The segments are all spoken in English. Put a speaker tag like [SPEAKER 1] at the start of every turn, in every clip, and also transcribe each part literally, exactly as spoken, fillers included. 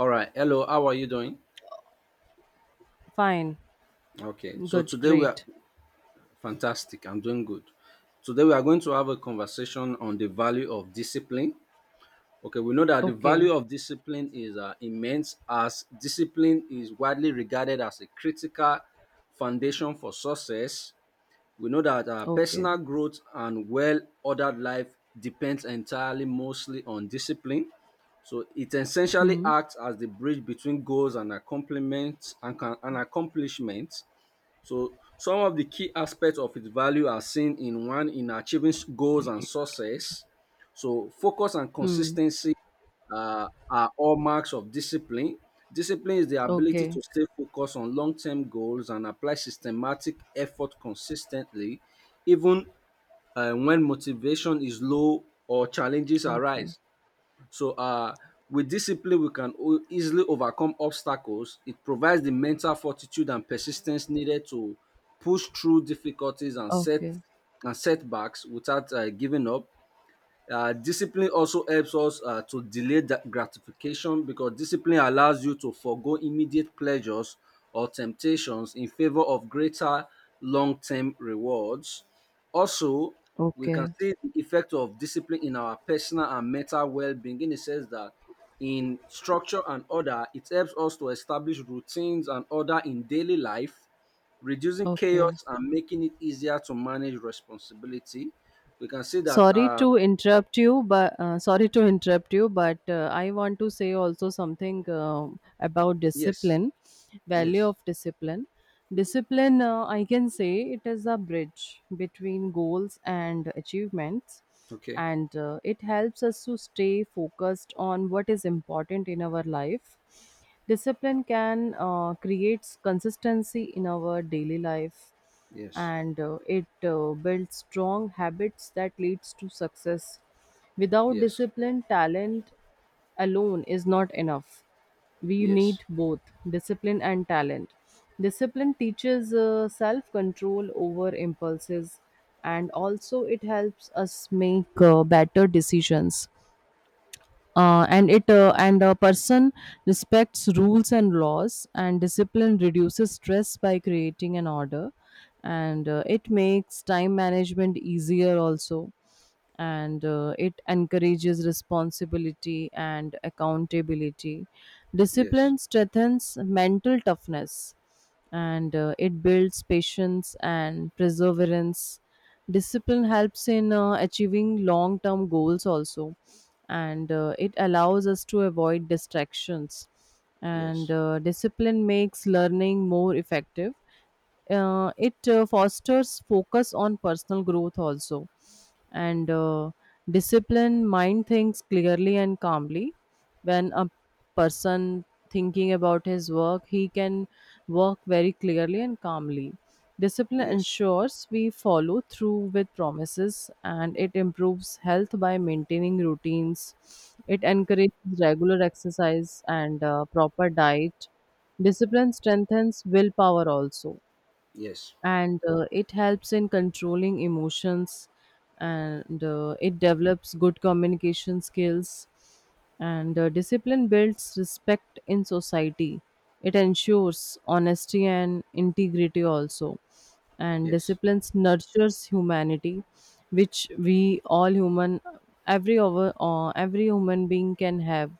[SPEAKER 1] All right. Hello. How are you doing?
[SPEAKER 2] Fine.
[SPEAKER 1] Okay. So
[SPEAKER 2] Good.
[SPEAKER 1] today we are
[SPEAKER 2] Great.
[SPEAKER 1] fantastic. I'm doing good. Today we are going to have a conversation on the value of discipline. Okay. We know that the
[SPEAKER 2] Okay.
[SPEAKER 1] value of discipline is uh, immense, as discipline is widely regarded as a critical foundation for success. We know that our
[SPEAKER 2] Okay.
[SPEAKER 1] personal growth and well ordered life depends entirely mostly on discipline. So it essentially
[SPEAKER 2] Hmm.
[SPEAKER 1] acts as the bridge between goals and accomplishments and, can- and accomplishments. So some of the key aspects of its value are seen in one in achieving s- goals and success. So focus and
[SPEAKER 2] Hmm.
[SPEAKER 1] consistency uh, are all marks of discipline. Discipline is the ability
[SPEAKER 2] Okay.
[SPEAKER 1] to stay focused on long-term goals and apply systematic effort consistently, even uh, when motivation is low or challenges
[SPEAKER 2] Okay.
[SPEAKER 1] arise. So, uh, with discipline, we can o- easily overcome obstacles. It provides the mental fortitude and persistence needed to push through difficulties and set
[SPEAKER 2] Okay.
[SPEAKER 1] and setbacks without uh, giving up. Uh, discipline also helps us uh, to delay that gratification, because discipline allows you to forego immediate pleasures or temptations in favor of greater long-term rewards. Also, we can
[SPEAKER 2] Okay.
[SPEAKER 1] see the effect of discipline in our personal and mental well-being in the sense that in structure and order, it helps us to establish routines and order in daily life, reducing
[SPEAKER 2] Okay.
[SPEAKER 1] chaos and making it easier to manage responsibility. We can see that
[SPEAKER 2] Sorry
[SPEAKER 1] uh,
[SPEAKER 2] to interrupt you, but uh, sorry to interrupt you, but uh, I want to say also something uh, about
[SPEAKER 1] Yes.
[SPEAKER 2] discipline, value
[SPEAKER 1] Yes.
[SPEAKER 2] of discipline. Discipline, uh, I can say it is a bridge between goals and achievements,
[SPEAKER 1] Okay.
[SPEAKER 2] and uh, it helps us to stay focused on what is important in our life. Discipline can uh, create consistency in our daily life,
[SPEAKER 1] Yes.
[SPEAKER 2] and uh, it uh, builds strong habits that leads to success. Without
[SPEAKER 1] Yes.
[SPEAKER 2] discipline, talent alone is not enough, we
[SPEAKER 1] Yes.
[SPEAKER 2] need both discipline and talent. Discipline teaches uh, self control over impulses, and also it helps us make uh, better decisions uh, and it uh, and a person respects rules and laws, and discipline reduces stress by creating an order, and uh, it makes time management easier also, and uh, it encourages responsibility and accountability.
[SPEAKER 1] Yes.
[SPEAKER 2] Discipline strengthens mental toughness, and uh, it builds patience and perseverance. Discipline helps in uh, achieving long term goals also, and uh, it allows us to avoid distractions, and
[SPEAKER 1] Yes.
[SPEAKER 2] uh, discipline makes learning more effective. Uh, it uh, fosters focus on personal growth also, and uh, discipline mind thinks clearly and calmly. When a person thinking about his work, he can work very clearly and calmly. Discipline
[SPEAKER 1] Yes.
[SPEAKER 2] ensures we follow through with promises, and it improves health by maintaining routines. It encourages regular exercise and uh, proper diet. Discipline strengthens willpower also,
[SPEAKER 1] Yes.
[SPEAKER 2] and uh, it helps in controlling emotions, and uh, it develops good communication skills, and uh, discipline builds respect in society, it ensures honesty and integrity also, and
[SPEAKER 1] Yes.
[SPEAKER 2] discipline nurtures humanity, which we all human, every over uh, every human being can have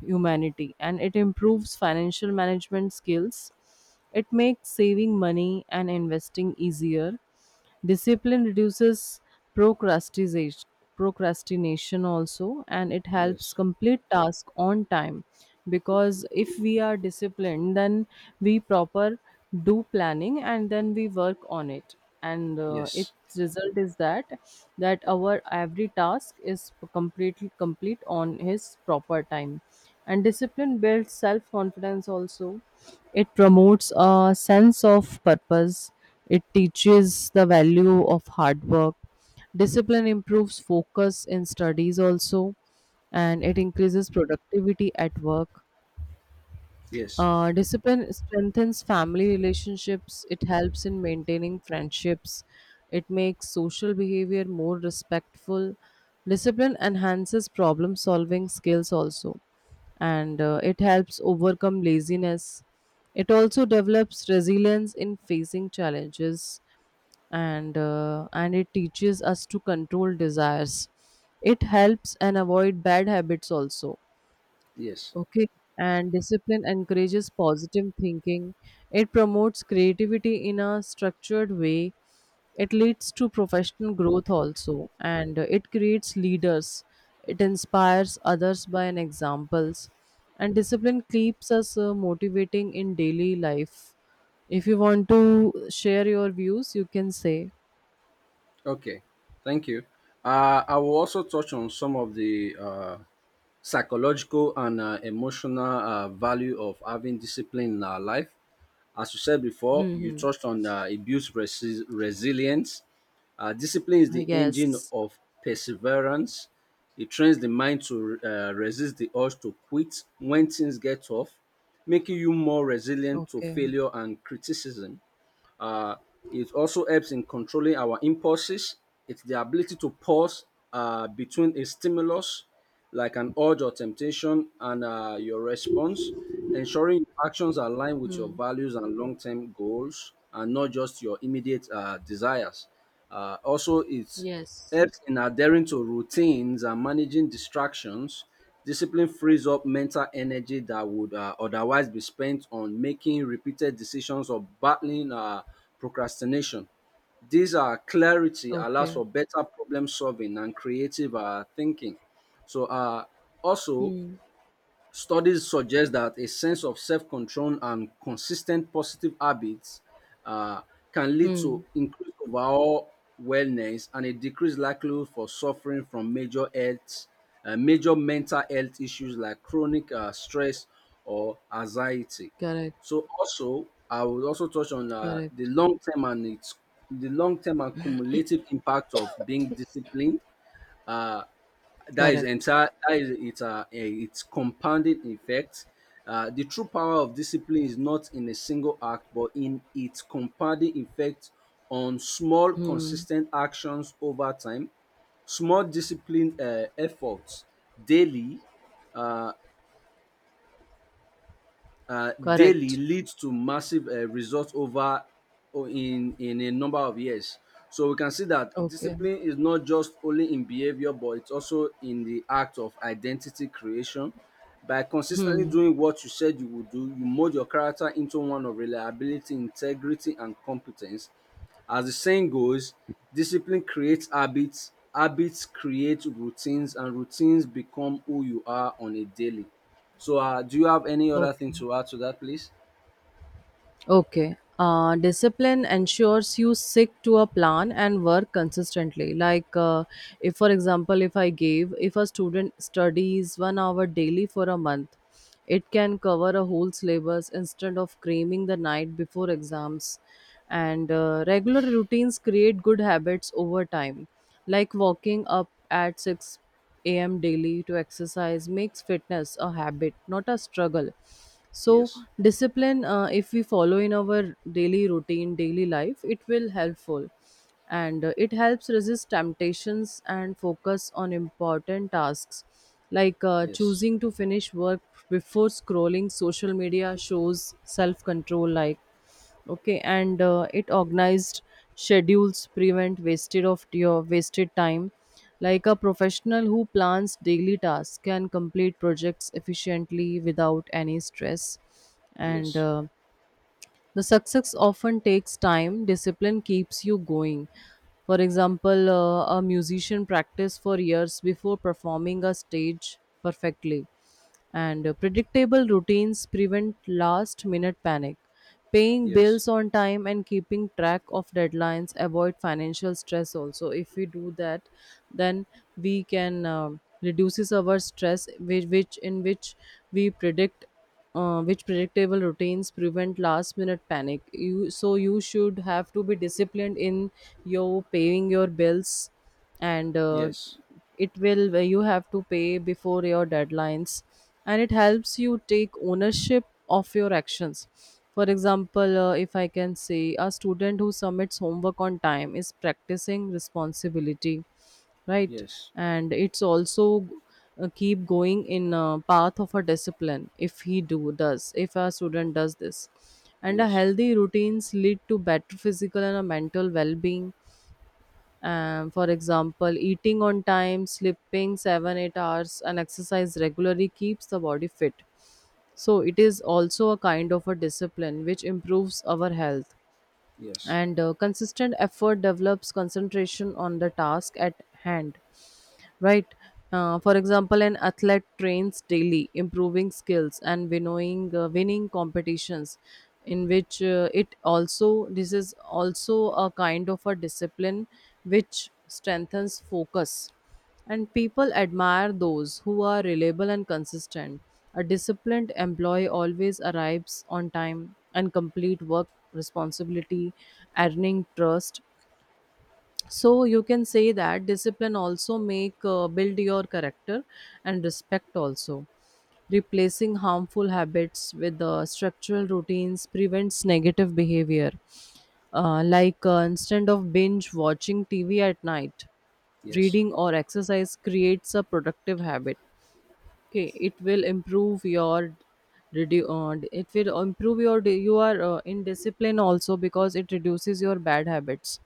[SPEAKER 2] humanity, and it improves financial management skills. It makes saving money and investing easier. Discipline reduces procrastination procrastination also, and it helps
[SPEAKER 1] Yes.
[SPEAKER 2] complete task on time, because if we are disciplined, then we proper do planning and then we work on it, and uh,
[SPEAKER 1] Yes.
[SPEAKER 2] its result is that that our every task is completely complete on his proper time, and discipline builds self confidence also, it promotes a sense of purpose. It teaches the value of hard work. Discipline improves focus in studies also, and it increases productivity at work.
[SPEAKER 1] Yes.
[SPEAKER 2] Uh, discipline strengthens family relationships, it helps in maintaining friendships, it makes social behavior more respectful. Discipline enhances problem solving skills also, and uh, it helps overcome laziness. It also develops resilience in facing challenges, and uh, and it teaches us to control desires, it helps and avoid bad habits also.
[SPEAKER 1] Yes.
[SPEAKER 2] Okay. And discipline encourages positive thinking. It promotes creativity in a structured way. It leads to professional growth also. And uh, it creates leaders. It inspires others by an examples. And discipline keeps us uh, motivating in daily life. If you want to share your views, you can say.
[SPEAKER 1] Okay. Thank you. Uh, I will also touch on some of the uh, psychological and uh, emotional uh, value of having discipline in our life. As you said before,
[SPEAKER 2] Hmm.
[SPEAKER 1] you
[SPEAKER 2] Hmm.
[SPEAKER 1] touched on uh, it builds resi- resilience Uh, discipline is
[SPEAKER 2] uh,
[SPEAKER 1] the engine
[SPEAKER 2] Yes.
[SPEAKER 1] of perseverance. It trains the mind to uh, resist the urge to quit when things get tough, making you more resilient to
[SPEAKER 2] Okay.
[SPEAKER 1] failure and criticism. Uh, it also helps in controlling our impulses. It's the ability to pause uh, between a stimulus like an urge or temptation and uh, your response, ensuring your actions align with your
[SPEAKER 2] Hmm.
[SPEAKER 1] values and long term goals and not just your immediate uh, desires. Uh, also, it
[SPEAKER 2] Yes.
[SPEAKER 1] helps in adhering to routines and managing distractions. Discipline frees up mental energy that would uh, otherwise be spent on making repeated decisions or battling uh, procrastination. These are clarity allows
[SPEAKER 2] Okay.
[SPEAKER 1] for better problem solving and creative uh, thinking. So uh, also,
[SPEAKER 2] Hmm.
[SPEAKER 1] Studies suggest that a sense of self control and consistent positive habits uh, can lead
[SPEAKER 2] Hmm.
[SPEAKER 1] to increased overall wellness and a decreased likelihood for suffering from major health, uh, major mental health issues like chronic uh, stress or anxiety.
[SPEAKER 2] Correct.
[SPEAKER 1] So also, I would also touch on uh, the
[SPEAKER 2] Correct.
[SPEAKER 1] long term and its the long term and cumulative impact of being disciplined. Uh, that is
[SPEAKER 2] Correct.
[SPEAKER 1] entire that is it's a eh, it's compounding effect. Uh, the true power of discipline is not in a single act, but in its compounding effect on small
[SPEAKER 2] Hmm.
[SPEAKER 1] consistent actions over time. Small disciplined uh, efforts daily uh, uh, daily
[SPEAKER 2] Correct.
[SPEAKER 1] leads to massive uh, results over o- in in a number of years. So we can see that
[SPEAKER 2] Okay.
[SPEAKER 1] discipline is not just only in behavior, but it's also in the act of identity creation. By consistently
[SPEAKER 2] Hmm.
[SPEAKER 1] doing what you said you would do, you mold your character into one of reliability, integrity, and competence. As the saying goes, discipline creates habits, habits create routines, and routines become who you are on a daily. So, uh, do you have any other thing
[SPEAKER 2] Okay.
[SPEAKER 1] to add to that, please?
[SPEAKER 2] Okay. Uh, discipline ensures you stick to a plan and work consistently. Like, uh, if for example, if I gave, if a student studies one hour daily for a month, it can cover a whole syllabus instead of cramming the night before exams. And uh, regular routines create good habits over time, like walking up at six a m daily to exercise makes fitness a habit not a struggle, so
[SPEAKER 1] Yes,
[SPEAKER 2] discipline, uh, if we follow in our daily routine daily life it will helpful, and uh, it helps resist temptations and focus on important tasks, like uh,
[SPEAKER 1] yes,
[SPEAKER 2] choosing to finish work before scrolling social media shows self control, like okay, and uh, it organized schedules prevent wasted of your wasted time, like a professional who plans daily tasks can complete projects efficiently without any stress, and
[SPEAKER 1] yes,
[SPEAKER 2] uh, the success often takes time, discipline keeps you going. For example, uh, a musician practice for years before performing a stage perfectly. And uh, predictable routines prevent last minute panic. Paying
[SPEAKER 1] yes,
[SPEAKER 2] bills on time and keeping track of deadlines avoid financial stress also. If we do that, then we can um reduces our stress which, which in which we predict, uh, which predictable routines prevent last minute panic, you so you should have to be disciplined in your paying your bills, and uh,
[SPEAKER 1] yes,
[SPEAKER 2] it will, you have to pay before your deadlines, and it helps you take ownership of your actions. For example, uh, if I can say a student who submits homework on time is practicing responsibility, right?
[SPEAKER 1] yes,
[SPEAKER 2] And it's also uh, keep going in a path of a discipline, if he do does if a student does this. And a
[SPEAKER 1] yes,
[SPEAKER 2] healthy routines lead to better physical and a mental well-being. Um, for example, eating on time, sleeping seven eight hours, and exercise regularly keeps the body fit. So, it is also a kind of a discipline which improves our health.
[SPEAKER 1] yes,
[SPEAKER 2] And uh, consistent effort develops concentration on the task at hand, right? Uh, for example, an athlete trains daily, improving skills and winnowing, uh, winning competitions, in which uh, it also, this is also a kind of a discipline which strengthens focus, and people admire those who are reliable and consistent. A disciplined employee always arrives on time and complete work responsibility, earning trust, so you can say that discipline also make uh, build your character and respect also. Replacing harmful habits with uh, structural routines prevents negative behavior, uh, like uh, instead of binge watching tv at night,
[SPEAKER 1] yes,
[SPEAKER 2] reading or exercise creates a productive habit. Okay, it will improve your, redu- uh, it will improve your, you are uh, in discipline also, because it reduces your bad habits,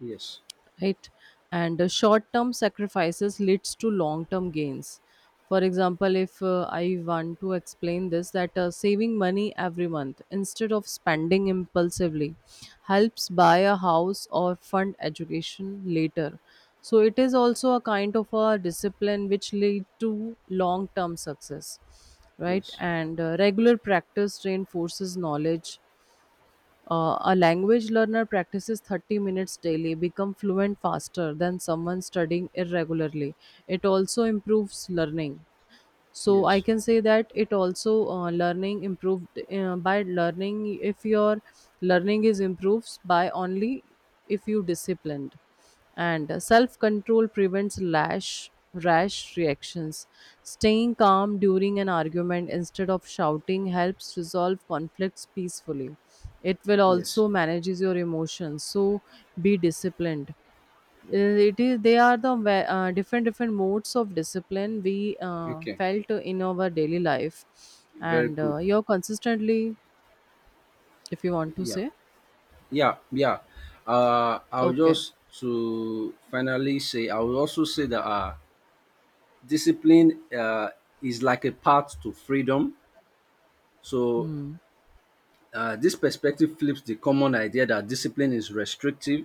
[SPEAKER 1] yes,
[SPEAKER 2] right? And uh, short-term sacrifices leads to long-term gains. For example, if uh, I want to explain this that uh, saving money every month instead of spending impulsively helps buy a house or fund education later. So it is also a kind of a discipline which lead to long-term success, right?
[SPEAKER 1] yes,
[SPEAKER 2] And uh, regular practice reinforces knowledge. Uh, a language learner practices thirty minutes daily, become fluent faster than someone studying irregularly. It also improves learning, so I
[SPEAKER 1] yes,
[SPEAKER 2] can say that it also uh, learning improved, uh, by learning, if your learning is improves by only if you disciplined. And self control prevents lash rash reactions, staying calm during an argument instead of shouting helps resolve conflicts peacefully, it will
[SPEAKER 1] yes.
[SPEAKER 2] also manages your emotions, so be disciplined. uh, it is, they are the, ve- uh, different different modes of discipline we uh,
[SPEAKER 1] Okay,
[SPEAKER 2] felt in our daily life,
[SPEAKER 1] very
[SPEAKER 2] and
[SPEAKER 1] good.
[SPEAKER 2] uh, you're consistently, if you want to
[SPEAKER 1] Yeah,
[SPEAKER 2] say.
[SPEAKER 1] yeah, yeah. Uh, I'll
[SPEAKER 2] Okay.
[SPEAKER 1] just, to finally say, I will also say that uh, discipline uh, is like a path to freedom. So
[SPEAKER 2] Hmm.
[SPEAKER 1] uh, this perspective flips the common idea that discipline is restrictive,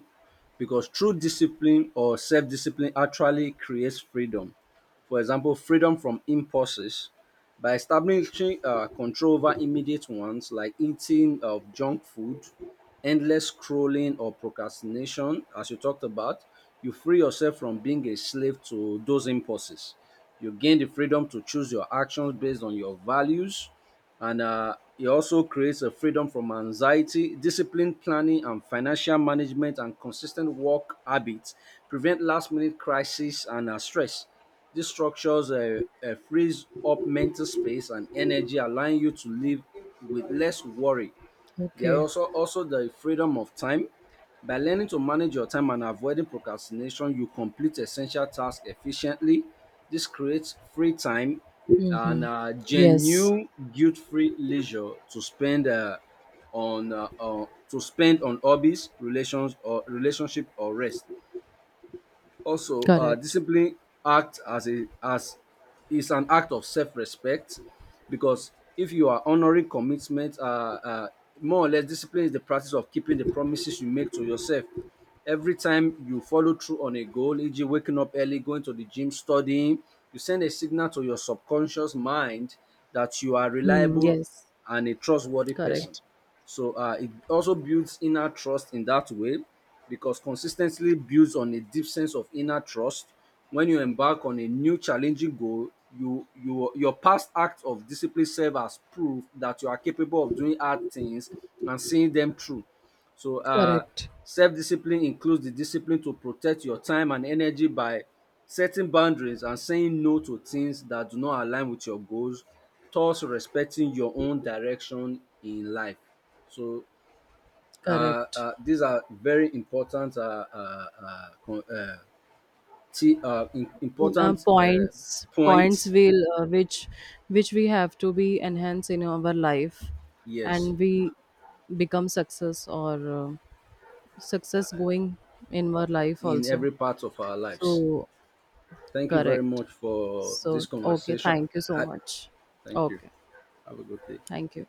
[SPEAKER 1] because true discipline or self discipline actually creates freedom. For example, freedom from impulses. By establishing uh, control over immediate ones like eating of junk food, endless scrolling, or procrastination, as you talked about, you free yourself from being a slave to those impulses. You gain the freedom to choose your actions based on your values, and uh, it also creates a freedom from anxiety. Disciplined planning, and financial management, and consistent work habits prevent last minute crises and uh, stress. These structures uh, uh, frees up mental space and energy, allowing you to live with less worry. There are
[SPEAKER 2] Okay.
[SPEAKER 1] also, also the freedom of time. By learning to manage your time and avoiding procrastination, you complete essential tasks efficiently. This creates free time and
[SPEAKER 2] Mm-hmm.
[SPEAKER 1] uh,
[SPEAKER 2] Yes.
[SPEAKER 1] genuine guilt-free leisure to spend uh, on uh, uh, to spend on hobbies, relations or relationship or rest. Also, uh,
[SPEAKER 2] Correct.
[SPEAKER 1] discipline act as a as is an act of self-respect, because if you are honoring commitment, uh, uh, more or less, discipline is the practice of keeping the promises you make to yourself. Every time you follow through on a goal, e g, waking up early, going to the gym, studying, you send a signal to your subconscious mind that you are
[SPEAKER 2] Hmm.
[SPEAKER 1] reliable
[SPEAKER 2] Yes.
[SPEAKER 1] and a trustworthy person.
[SPEAKER 2] Correct.
[SPEAKER 1] So uh, it also builds inner trust in that way, because consistently builds on a deep sense of inner trust. When you embark on a new challenging goal, you, you your past acts of discipline serve as proof that you are capable of doing hard things and seeing them through. So uh,
[SPEAKER 2] Correct.
[SPEAKER 1] self discipline includes the discipline to protect your time and energy by setting boundaries and saying no to things that do not align with your goals, thus respecting your own direction in life. So uh,
[SPEAKER 2] Correct.
[SPEAKER 1] uh, these are very important uh, uh, uh, con- uh, t- uh, im-
[SPEAKER 2] Uh,
[SPEAKER 1] important uh,
[SPEAKER 2] points, points
[SPEAKER 1] points,
[SPEAKER 2] will uh, which which we have to be enhanced in our life,
[SPEAKER 1] yes,
[SPEAKER 2] and we become success or uh, success going in our life
[SPEAKER 1] in
[SPEAKER 2] also.
[SPEAKER 1] every part of our lives.
[SPEAKER 2] So,
[SPEAKER 1] Thank you very
[SPEAKER 2] correct.
[SPEAKER 1] much for this
[SPEAKER 2] So, okay,
[SPEAKER 1] conversation.
[SPEAKER 2] thank you so
[SPEAKER 1] Uh,
[SPEAKER 2] much.
[SPEAKER 1] Thank you.
[SPEAKER 2] Okay,
[SPEAKER 1] Have a good day.
[SPEAKER 2] thank you.